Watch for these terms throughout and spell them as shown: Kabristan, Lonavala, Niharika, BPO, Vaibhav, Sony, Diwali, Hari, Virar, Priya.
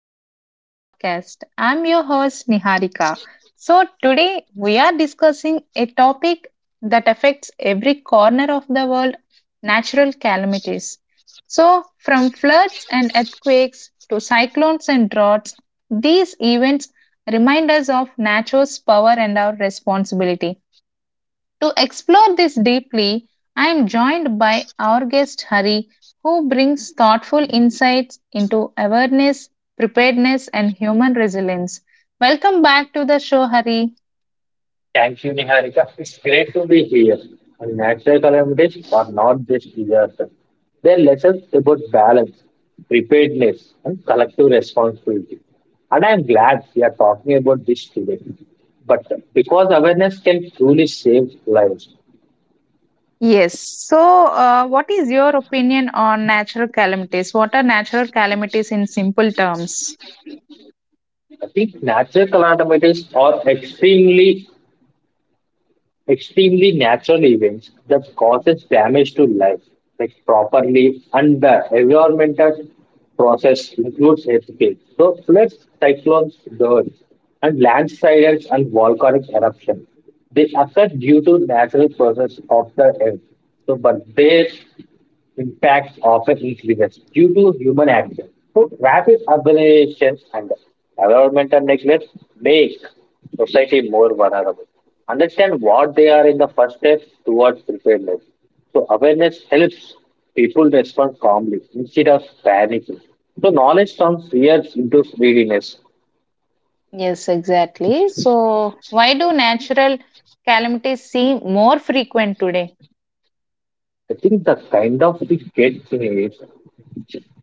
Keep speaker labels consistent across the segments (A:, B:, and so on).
A: back to our podcast. I'm your host, Niharika. So, today we are discussing a topic that affects every corner of the world, natural calamities. So, from floods and earthquakes to cyclones and droughts, these events remind us of nature's power and our responsibility. To explore this deeply, I am joined by our guest Hari, who brings thoughtful insights into awareness, preparedness, and human resilience. Welcome back to the show, Hari.
B: Thank you, Niharika. It's great to be here. And natural calamities are not just disasters. They're lessons about balance, preparedness, and collective responsibility. And I'm glad we are talking about this today. But because awareness can truly save lives,
A: Yes. So, what is your opinion on natural calamities? What are natural calamities in simple terms?
B: I think natural calamities are extremely natural events that causes damage to life, like properly and the environmental process includes earthquakes. So floods, cyclones, droughts, and landslides and volcanic eruptions. They occur due to natural process of the earth. So, but they impacts often increases due to human action. So, rapid urbanization and environmental neglect make society more vulnerable. Understand what they are in the first step towards preparedness. So, awareness helps people respond calmly instead of panicking. So, knowledge turns fear into readiness.
A: Yes, exactly. So, why do natural calamities seem more frequent today?
B: I think the kind of the get thing is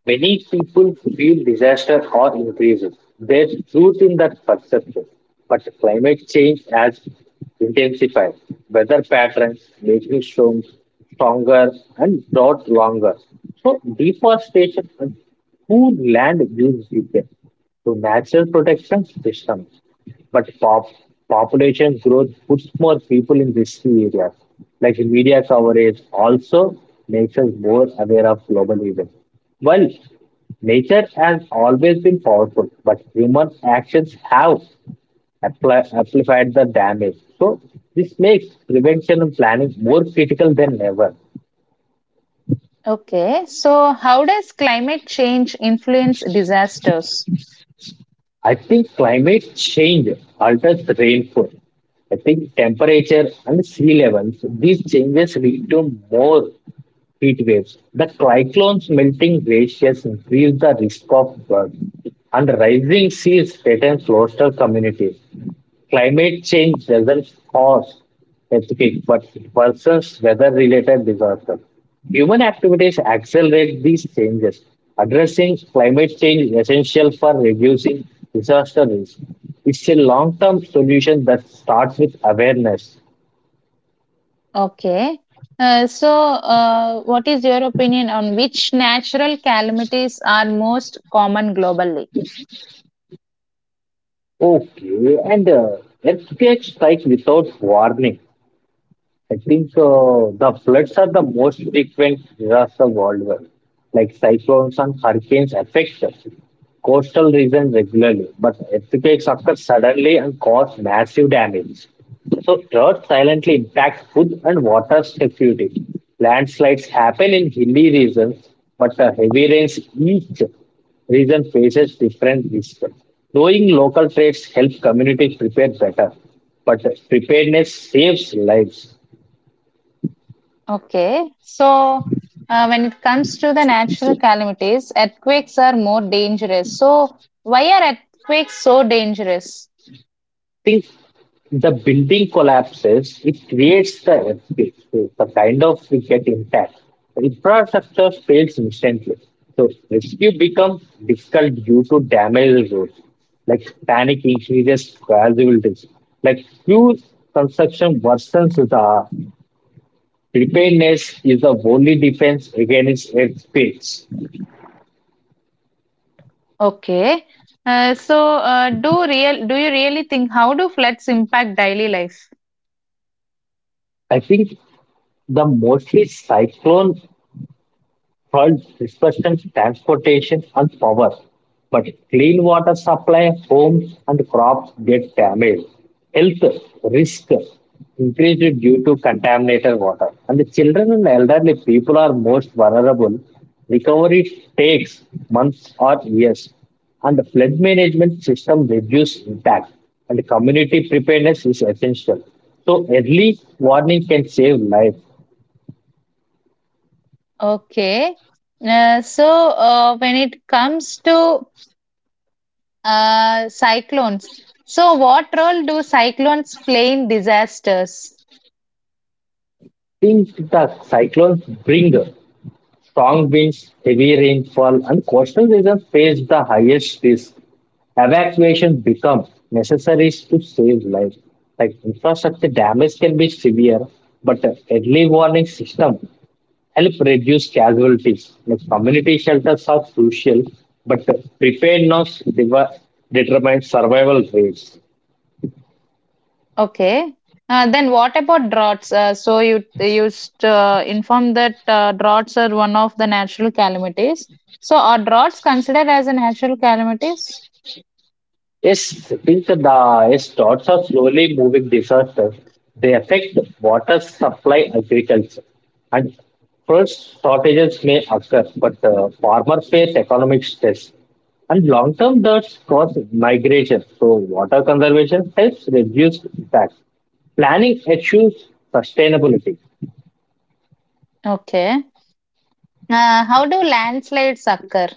B: many people feel disaster or increases. There's truth in that perception, but climate change has intensified weather patterns, making storms stronger and drought longer. So deforestation and poor land use repair to natural protection systems. But population growth puts more people in risky areas. Like media coverage also makes us more aware of global events. While nature has always been powerful, but human actions have amplified the damage. So this makes prevention and planning more critical than ever.
A: Okay, so how does climate change influence disasters?
B: I think climate change alters rainfall. I think temperature and sea levels, these changes lead to more heat waves. The cyclones melting glaciers increase the risk of floods, and rising seas threaten coastal communities. Climate change doesn't cause specific but it worsens weather related disasters. Human activities accelerate these changes. Addressing climate change is essential for reducing disaster risk. It's a long term solution that starts with awareness.
A: Okay, so what is your opinion on which natural calamities are most common globally?
B: Okay, and earthquakes strike without warning. I think the floods are the most frequent disaster worldwide. Like cyclones and hurricanes affect coastal regions regularly, but earthquakes occur suddenly and cause massive damage. So drought silently impacts food and water security. Landslides happen in hilly regions, but the heavy rains each region faces different risks. Knowing local trades helps communities prepare better, but preparedness saves lives.
A: Okay, so when it comes to the natural calamities, earthquakes are more dangerous. So, why are earthquakes so dangerous?
B: Think the building collapses, it creates the earthquake, so the kind of we get impact. The infrastructure fails instantly. So rescue becomes difficult due to damaged roads. Like panic increases casualties. Like few construction worsens the preparedness is the only defense against earthquakes.
A: Okay, so do you really think, how do floods impact daily life?
B: I think the mostly cyclone hurt discussions, transportation, and power. But clean water supply, homes, and crops get damaged. Health risk increased due to contaminated water. And the children and elderly people are most vulnerable. Recovery takes months or years. And the flood management system reduce impact. And community preparedness is essential. So early warning can save life.
A: Okay. When it comes to cyclones, so what role do cyclones play in disasters?
B: Think the cyclones bring strong winds, heavy rainfall, and coastal regions face the highest risk. Evacuation becomes necessary to save lives. Like infrastructure damage can be severe, but an early warning system help reduce casualties. Like community shelters are crucial, but preparedness devi- determines survival rates.
A: Okay. Then what about droughts? So you used inform that droughts are one of the natural calamities. So are droughts considered as a natural calamities?
B: Yes, since the storms are slowly moving disasters, they affect water supply, agriculture, and food shortages may occur, but farmers face economic stress. And long term, that's cause migration. So, water conservation helps reduce impact. Planning issues sustainability.
A: Okay. How do landslides occur?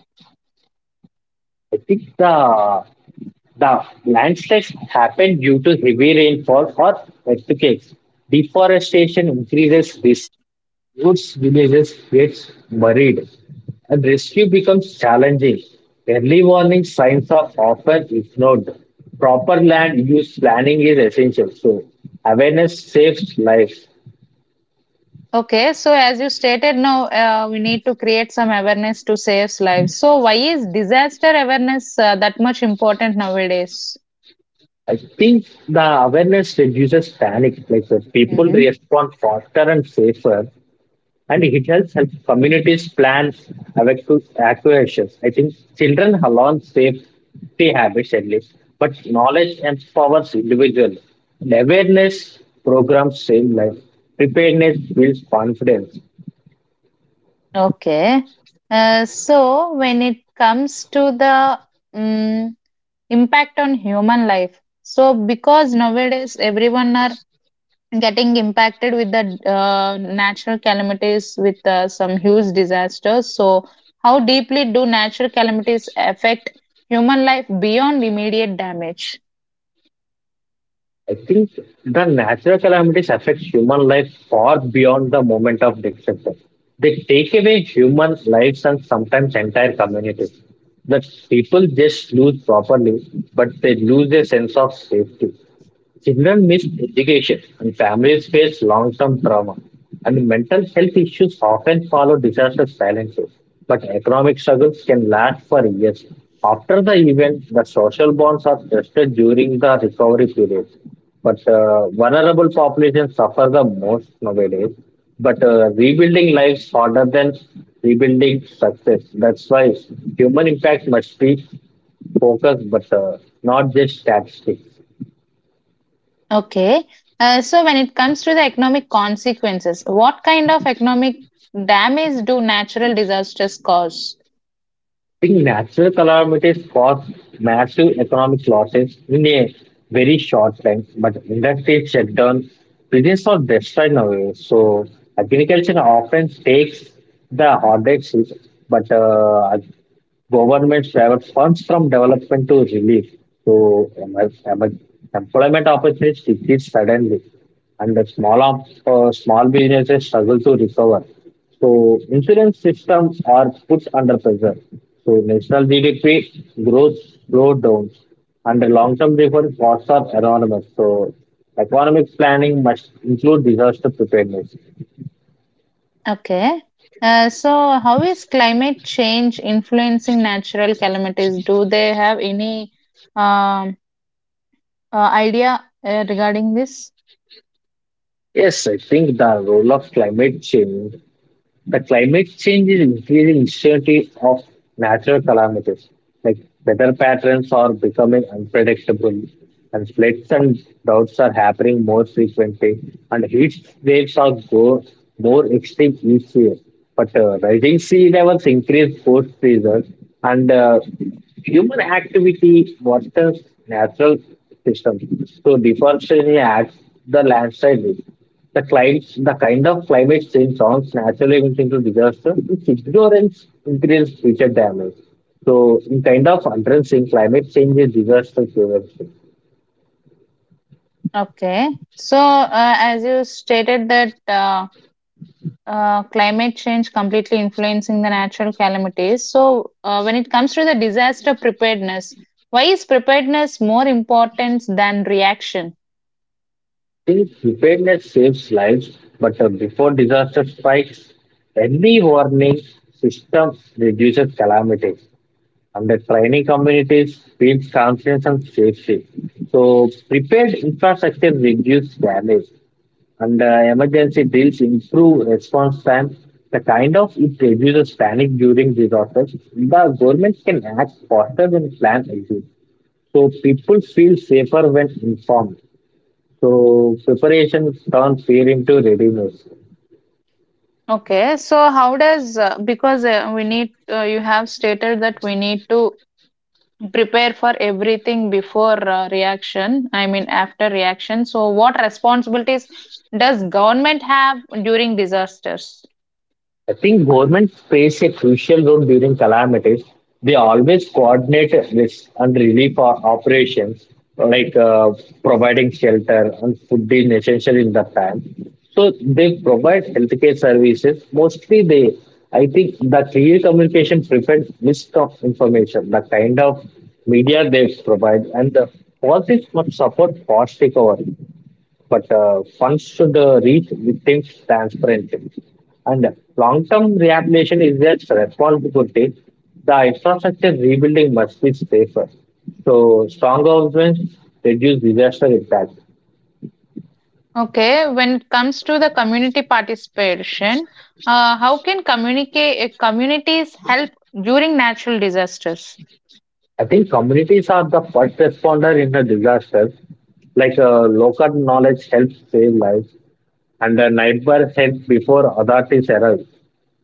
B: I think the landslides happen due to heavy rainfall or earthquakes. Deforestation increases risk. Roots villages gets buried and rescue becomes challenging. Early warning signs are often ignored. Proper land use planning is essential. So awareness saves lives.
A: Okay, so as you stated now, we need to create some awareness to save lives. So, why is disaster awareness that much important nowadays?
B: I think the awareness reduces panic. Like the people
A: Hmm.
B: respond faster and safer. And it helps help communities plan evacuations. I think children have learned safety habits at least, but knowledge empowers individuals. And awareness programs save life. Preparedness builds confidence.
A: Okay. So, when it comes to the um, impact on human life, so because nowadays everyone are getting impacted with the natural calamities with some huge disasters, so how deeply do natural calamities affect human life beyond immediate damage?
B: I think the natural calamities affect human life far beyond the moment of destruction. They take away human lives and sometimes entire communities. The people just lose properly, but they lose their sense of safety. Children miss education, and families face long term trauma, and mental health issues often follow disaster silences. But economic struggles can last for years. After the event, the social bonds are tested during the recovery period. But vulnerable populations suffer the most nowadays. But rebuilding lives harder than rebuilding success. That's why human impact must be focused, but not just statistics.
A: Okay. So when it comes to the economic consequences, what kind of economic damage do natural disasters cause?
B: Think natural calamities cause massive economic losses in a very short time, but industries shut down, business are destroyed nowadays. So agriculture often takes the hardest hit, but government divert funds from development to relief. So employment opportunities decrease suddenly, and the small businesses struggle to recover. So insurance systems are put under pressure. So national GDP growth slowed down, and the long-term reform costs are enormous. So economic planning must include disaster preparedness.
A: Okay. So how is climate change influencing natural calamities? Do they have any um, idea regarding this?
B: Yes, I think the role of climate change. The climate change is increasing uncertainty of natural calamities, like weather patterns are becoming unpredictable, and floods and droughts are happening more frequently, and heat waves are go more extreme each year. But rising sea levels increase both seasons, and human activity worsens natural systems. So deforestation adds the landslide risk. The clients, the kind of climate change songs naturally went into disaster, its ignorance increased future damage. So, in kind of addressing climate change is disaster prevention.
A: Okay. So, as you stated that climate change completely influencing the natural calamities. So, when it comes to the disaster preparedness, why is preparedness more important than reaction?
B: Since preparedness saves lives, but before disaster strikes, early warning system reduces calamities. And the training communities builds confidence and safety. So, prepared infrastructure reduces damage. And emergency drills improve response time. The kind of it reduces panic during disasters. The government can act faster when plans exist. So people feel safer when informed. So preparation turns fear into readiness.
A: Okay. So, how does because we need you have stated that we need to prepare for everything before reaction. I mean, after reaction. So, what responsibilities does government have during disasters?
B: I think governments plays a crucial role during calamities. They always coordinate risk and relief operations, like providing shelter and food being essential in that time. So they provide healthcare services. Mostly, they I think the clear communication prevents risk of information. The kind of media they provide and the all this must support fast recovery but funds should reach victims transparently. And long-term rehabilitation is their responsibility. The infrastructure rebuilding must be safer. So strong governments reduce disaster impact.
A: Okay, when it comes to the community participation, how can communities help during natural disasters?
B: I think communities are the first responder in a disaster. Like local knowledge helps save lives, and the neighbors help before authorities arrive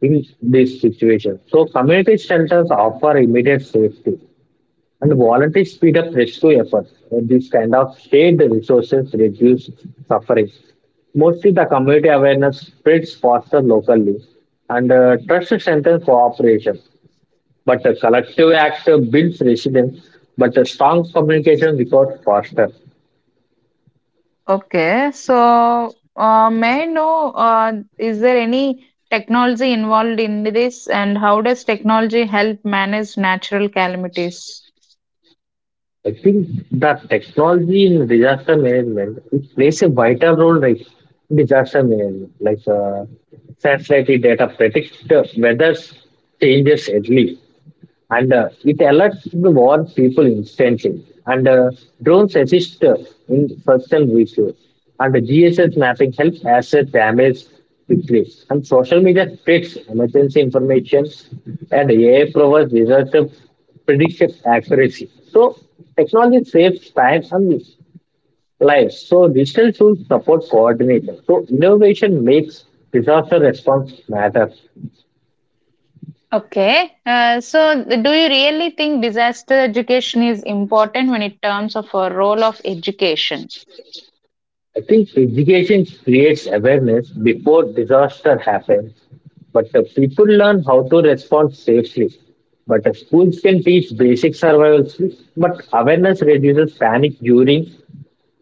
B: in this situation. So community shelters offer immediate safety and volunteers speed up rescue efforts. And these kind of shared resources reduce suffering. Mostly the community awareness spreads faster locally and trust strengthens cooperation. But the collective act builds resilience, but the strong communication requires faster.
A: Okay, so may I know is there any technology involved in this, and how does technology help manage natural calamities?
B: I think that technology in disaster management it plays a vital role like disaster management, like satellite data predict the weather changes early and it alerts the war people instantly. And drones assist in search and rescue. And the GSS mapping helps assess damage quickly. And social media spreads emergency information, and AI provides disaster prediction accuracy. So technology saves time and lives. So digital tools support coordination. So innovation makes disaster response matter.
A: Okay, so do you really think disaster education is important when it terms of a role of education?
B: I think education creates awareness before disaster happens, but the people learn how to respond safely. But the schools can teach basic survival skills, but awareness reduces panic during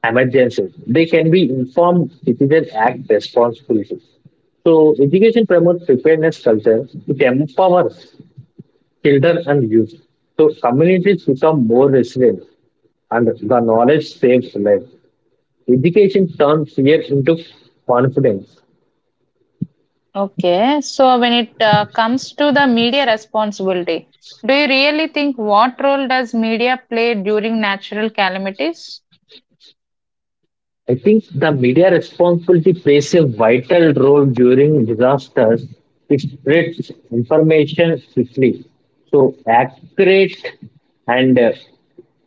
B: emergencies. They can be informed citizens act responsibly. So education promotes preparedness culture. It empowers children and youth. So communities become more resilient and the knowledge saves lives. Education turns fear into confidence.
A: Okay, so when it comes to the media responsibility, do you really think what role does media play during natural calamities?
B: I think the media responsibility plays a vital role during disasters. It spreads information quickly. So, accurate and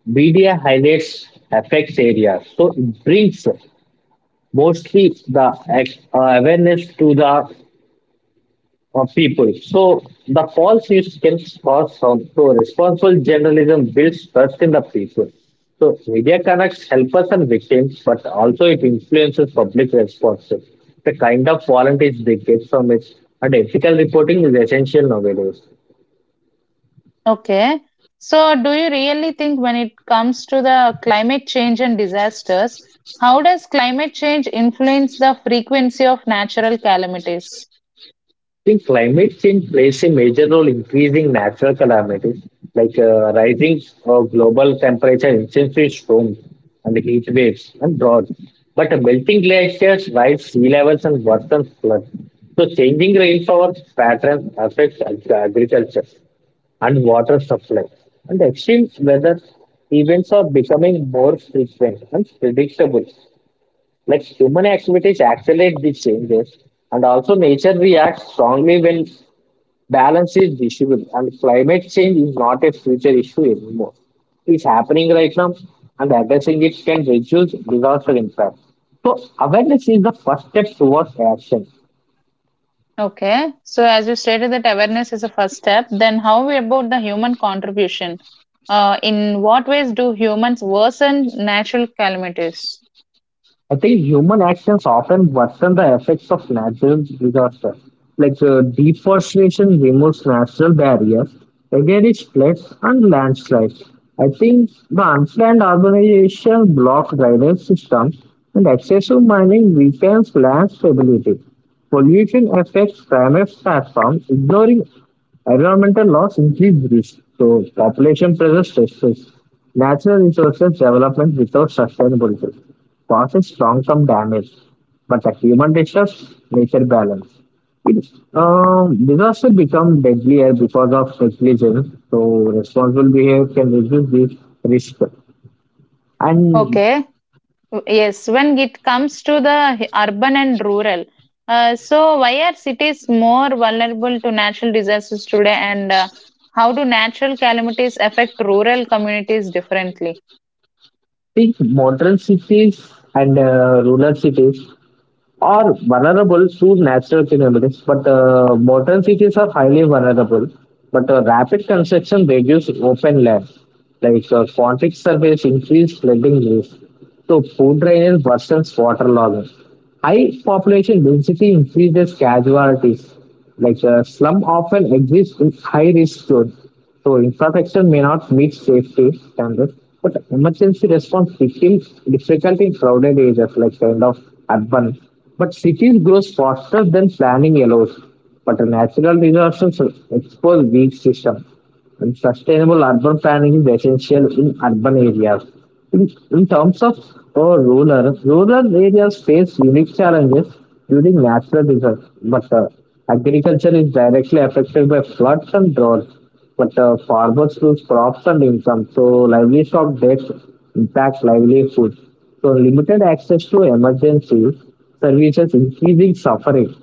B: media highlights affects areas. So, it brings mostly the awareness to the people. So the false news can cause harm. So responsible journalism builds trust in the people. So media connects helpers and victims, but also it influences public response. The kind of volunteers they get from it and ethical reporting is essential nowadays.
A: Okay, so do you really think when it comes to the climate change and disasters, how does climate change influence the frequency of natural calamities?
B: Think climate change plays a major role in increasing natural calamities like rising global temperature, intensive storms, and heat waves and droughts. But melting glaciers, rise sea levels, and worsen floods. So, changing rainfall patterns affects agriculture and water supply. And extreme weather events are becoming more frequent and predictable. Like human activities accelerate these changes, and also nature reacts strongly when balance is visible, and climate change is not a future issue anymore. It's happening right now, and addressing it can reduce disaster impact. So, awareness is the first step towards action.
A: Okay, so as you stated that awareness is a first step, then how about the human contribution? In what ways do humans worsen natural calamities?
B: I think human actions often worsen the effects of natural disasters, like deforestation removes natural barriers against floods and landslides. I think the unplanned urbanization blocks drainage systems, and excessive mining weakens land stability. Pollution affects climate platforms, ignoring environmental loss increases risk, so population pressure stresses natural resources development without sustainability, causes long-term damage. But the human disturbs nature balance. It, Disaster become deadlier because of negligence, so responsible behavior can reduce this risk. And
A: Okay. Yes, when it comes to the urban and rural, so why are cities more vulnerable to natural disasters today, and how do natural calamities affect rural communities differently?
B: think modern cities and rural cities are vulnerable to natural phenomena, but modern cities are highly vulnerable. But rapid construction reduces open land, like concrete surface increase flooding risk. So food drainage worsens waterlogging. High population density increases casualties. Like slum often exists in high risk zones. So infrastructure may not meet safety standards, but emergency response becomes difficult in crowded areas like kind of urban. But cities grow faster than planning allows. But natural disasters expose weak systems. And sustainable urban planning is essential in urban areas. In terms of rural areas face unique challenges during natural disasters, but agriculture is directly affected by floods and droughts but farmers lose crops and income, so livestock debts impact livelihood. So limited access to emergency services, increasing suffering.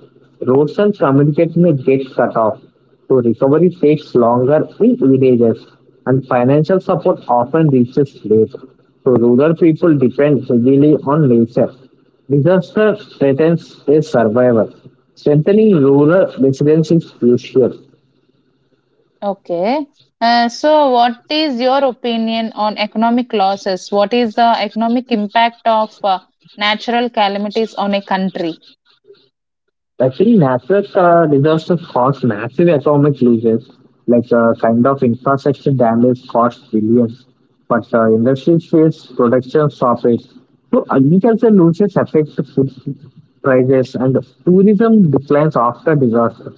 B: Roads and communication may get cut off, so recovery takes longer in villages, and financial support often reaches late. So rural people depend heavily on nature. Disaster threatens their survival. Strengthening rural resilience is crucial.
A: Okay. So, what is your opinion on economic losses? What is the economic impact of natural calamities on a country?
B: Actually, NASA's disaster caused massive economic losses, like kind of infrastructure damage cost billions, but industries face production stoppage. So agriculture loses affects food prices and tourism declines after disaster.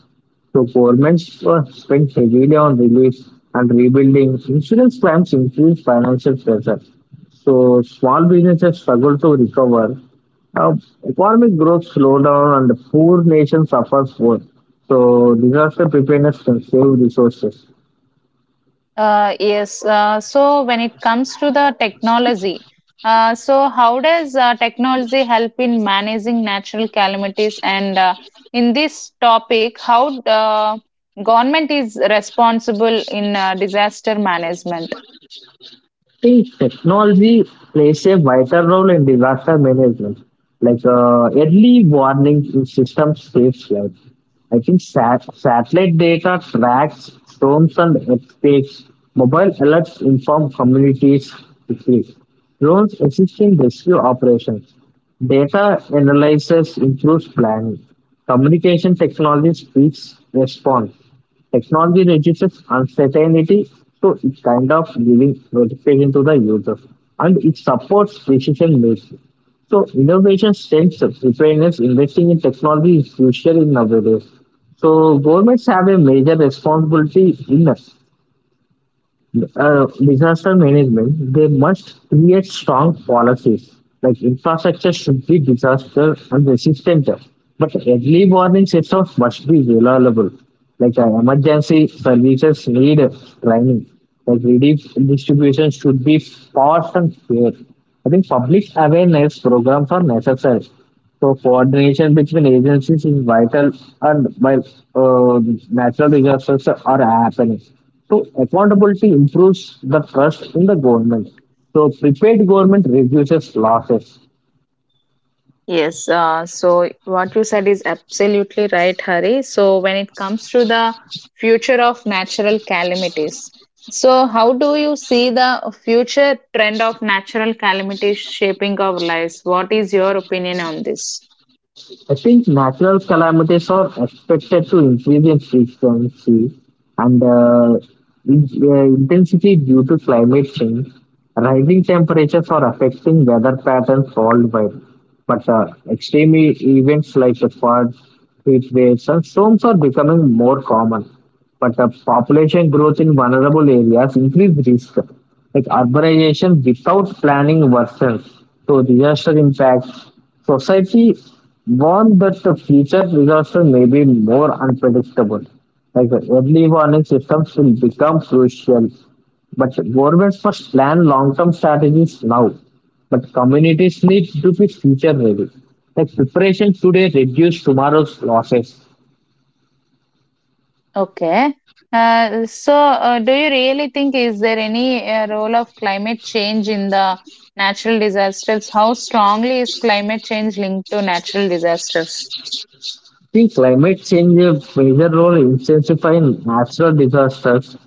B: So governments were spent heavily on relief and rebuilding. Insurance plans increased financial pressure. So small businesses struggled to recover. Uh, Economic growth slowed down and the poor nation suffers more. So disaster preparedness can save resources.
A: Yes. So when it comes to the technology, so how does technology help in managing natural calamities? And in this topic, how government is responsible in disaster management?
B: See, technology plays a vital role in disaster management. Like early warning systems saves lives. I think satellite data tracks storms and earthquakes. Mobile alerts inform communities quickly. Drones assist in rescue operations. Data analysis improves planning. Communication technology speeds response. Technology reduces uncertainty, so it's kind of giving notification to the users and it supports decision making. So innovation strengths preparedness, investing in technology is crucial in nowadays. So governments have a major responsibility in disaster management, they must create strong policies. Like infrastructure should be disaster and resistant, but early warning systems must be reliable. Like emergency services need training. Like relief distribution should be fast and fair. I think public awareness programs are necessary. So coordination between agencies is vital, and while uh, natural disasters are happening. So accountability improves the trust in the government. So prepared government reduces losses.
A: Yes, so what you said is absolutely right, Hari. So when it comes to the future of natural calamities, so how do you see the future trend of natural calamities shaping our lives? What is your opinion on this?
B: I think natural calamities are expected to increase in frequency and intensity due to climate change. Rising temperatures are affecting weather patterns worldwide, but extreme events like the floods, heat waves, and storms are becoming more common. But population growth in vulnerable areas increase risk. Like urbanization without planning worsens, so disaster impacts society warned that the future disaster may be more unpredictable. Like the early warning systems will become crucial, but governments must plan long-term strategies now. But communities need to be future ready. Like preparation today reduce tomorrow's losses.
A: Okay. So do you really think, is there any role of climate change in the natural disasters? How strongly is climate change linked to natural disasters?
B: I think climate change a major role in intensifying natural disasters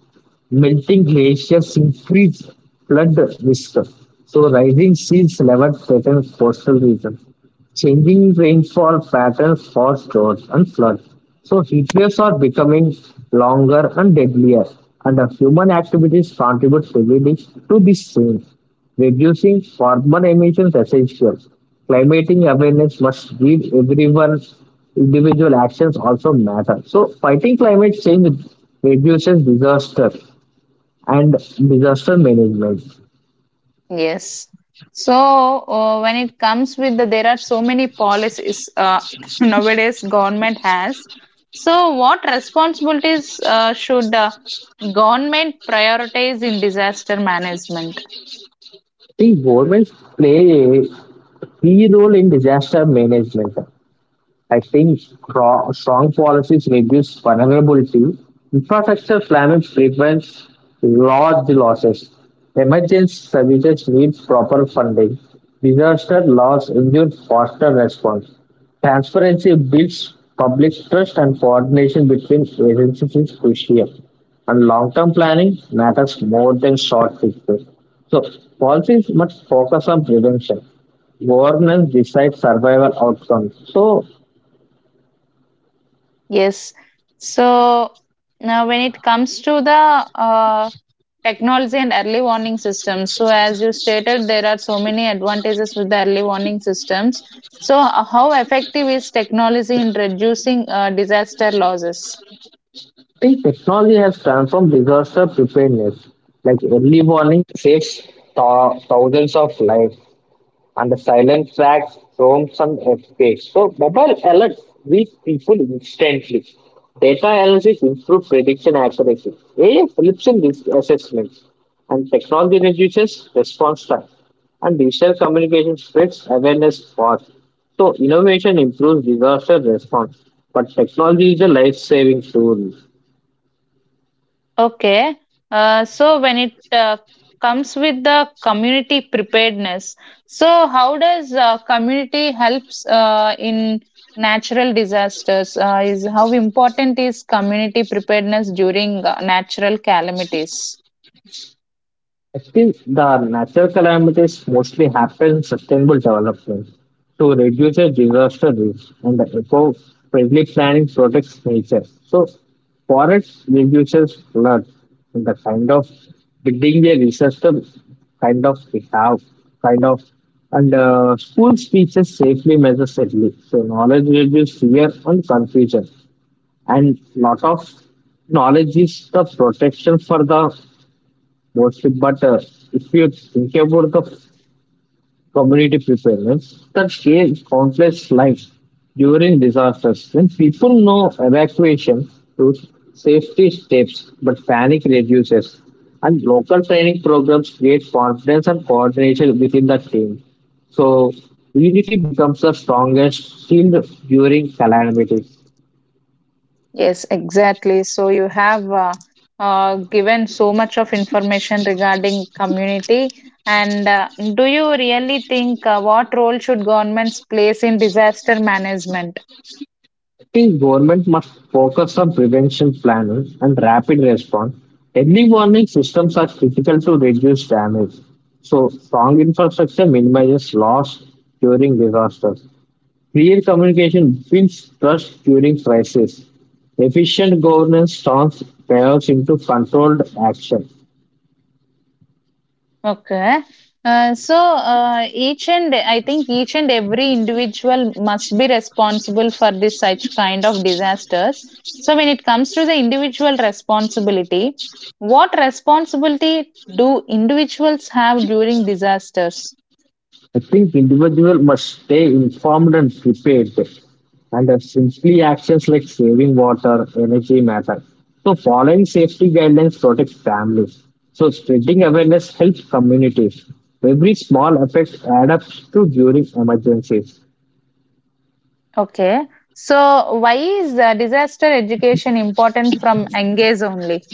B: melting glaciers increase flood risk. So rising seas level threaten coastal regions. Changing rainfall patterns cause droughts and floods. So heat waves are becoming longer and deadlier, and the human activities contribute heavily to this change. Reducing carbon emissions essential. Climatic awareness must give everyone individual actions also matter. So fighting climate change reduces disaster and disaster management.
A: Yes. So when it comes with the, there are so many policies nowadays government has. So what responsibilities should government prioritize in disaster management?
B: See, governments play a key role in disaster management. I think strong policies reduce vulnerability. Infrastructure damage prevents large losses. Emergency services need proper funding. Disaster loss induces faster response. Transparency builds public trust and coordination between agencies is crucial. And long-term planning matters more than short fixes. So policies must focus on prevention. Governance decides survival outcomes. So
A: Yes. So now, when it comes to the technology and early warning systems, so as you stated, there are so many advantages with the early warning systems. So, how effective is technology in reducing disaster losses?
B: I think technology has transformed disaster preparedness. Like early warning saves thousands of lives, and the silent tracks from some escapes. So mobile alerts reach people instantly. Data analysis improves prediction accuracy. AI helps in risk assessments, and technology reduces response time. And digital communication spreads awareness fast. So innovation improves disaster response, but technology is a life-saving tool.
A: Okay. So when it comes with the community preparedness, so how does community helps in natural disasters? Is, how important is community preparedness during natural calamities?
B: Actually, the natural calamities mostly happen in sustainable development to reduce the disaster risk, and the eco-friendly planning protects nature. So, forests reduces floods, and the kind of building a system kind of we have, kind of, and school teaches safely measure safely. So, knowledge reduces fear and confusion, and lot of knowledge is the protection for the mostly. But if you think about the community preparedness, that saves countless lives during disasters. When people know evacuation routes, safety steps, but panic reduces. And local training programs create confidence and coordination within the team. So unity becomes the strongest shield during calamities.
A: Yes, exactly. So you have given so much of information regarding community. And do you really think what role should governments place in disaster management?
B: I think government must focus on prevention planning and rapid response. Early warning systems are critical to reduce damage. So, strong infrastructure minimizes loss during disasters. Clear communication builds trust during crisis. Efficient governance turns chaos into controlled action.
A: Okay. So I think each and every individual must be responsible for this such kind of disasters. So when it comes to the individual responsibility, what responsibility do individuals have during disasters?
B: I think individual must stay informed and prepared, and simply actions like saving water, energy matter. So following safety guidelines protects families. So spreading awareness helps communities. Every small effect adds up to during emergencies.
A: Okay. So why is disaster education important from engage only?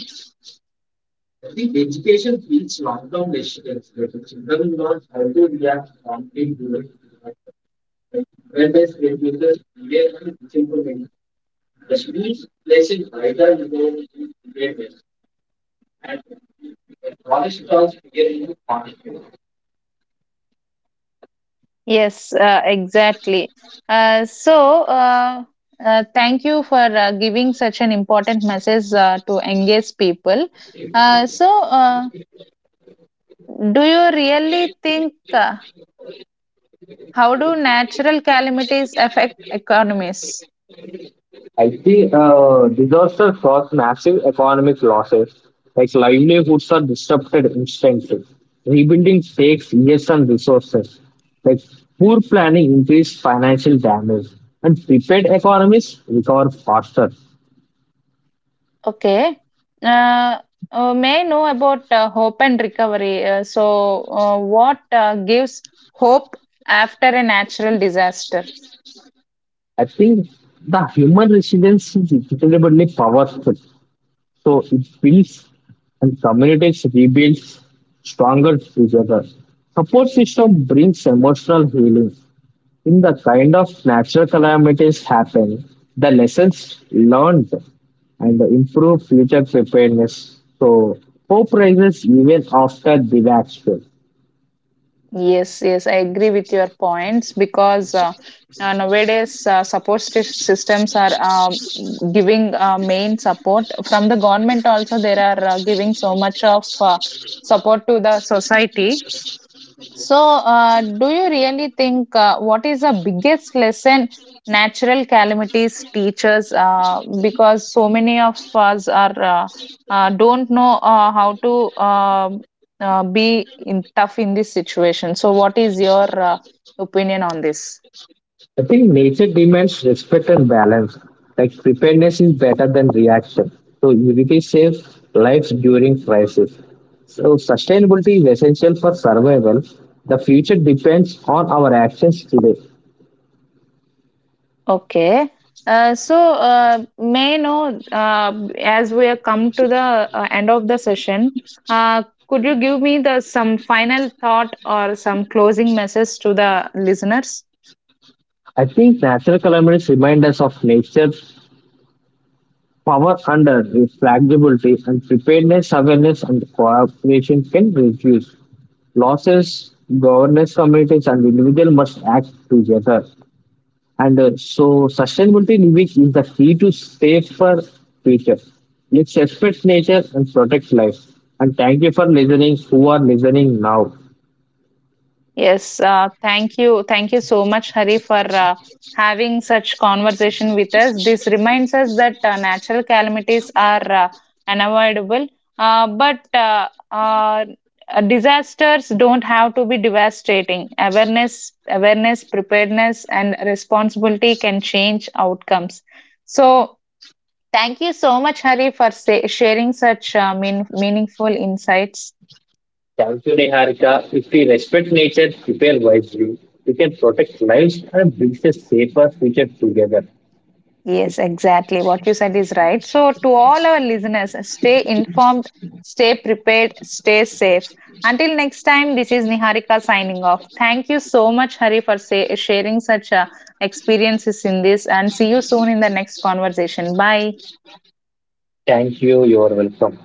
A: Yes, exactly. Uh, so, uh, Thank you for giving such an important message to engage people. Uh, so, uh, do you really think, how do natural calamities affect economies?
B: I think disaster caused massive economic losses, like livelihoods are disrupted instantly. Rebuilding takes years and resources. Like poor planning increased financial damage, and prepared economies recover faster.
A: Okay. Uh, may I know about hope and recovery. What gives hope after a natural disaster?
B: I think the human resilience is incredibly powerful. So it builds and communities rebuilds stronger together. Support system brings emotional healing. In the kind of natural calamities happen, the lessons learned and the improve future preparedness. So hope rises even after disaster.
A: Yes, yes, I agree with your points, because nowadays support systems are giving main support from the government. Also, they are giving so much of support to the society. So, do you really think what is the biggest lesson natural calamities teach us? Because so many of us are don't know how to be in, tough in this situation. So, what is your opinion on this?
B: I think nature demands respect and balance. Like preparedness is better than reaction. So unity saves lives during crisis. So sustainability is essential for survival. The future depends on our actions today.
A: Okay. May I know, as we are come to the end of the session, could you give me the some final thought or some closing message to the listeners?
B: I think natural calamities remind us of nature power under flexibility and preparedness, awareness, and cooperation can reduce losses. Governance communities and individuals must act together. Sustainability living is the key to safer future. Let's respect nature and protect life. And thank you for listening. Who are listening now?
A: Yes, thank you. Thank you so much, Hari, for having such conversation with us. This reminds us that natural calamities are unavoidable, but disasters don't have to be devastating. Awareness, awareness, preparedness, and responsibility can change outcomes. So, thank you so much, Hari, for sharing such meaningful insights.
B: Thank you, Neharika. If we respect nature, prepare wisely, we can protect lives and build a safer future together.
A: Yes, exactly. What you said is right. So, to all our listeners, stay informed, stay prepared, stay safe. Until next time, this is Niharika signing off. Thank you so much, Hari, for sharing such experiences in this, and see you soon in the next conversation. Bye.
B: Thank you. You are welcome.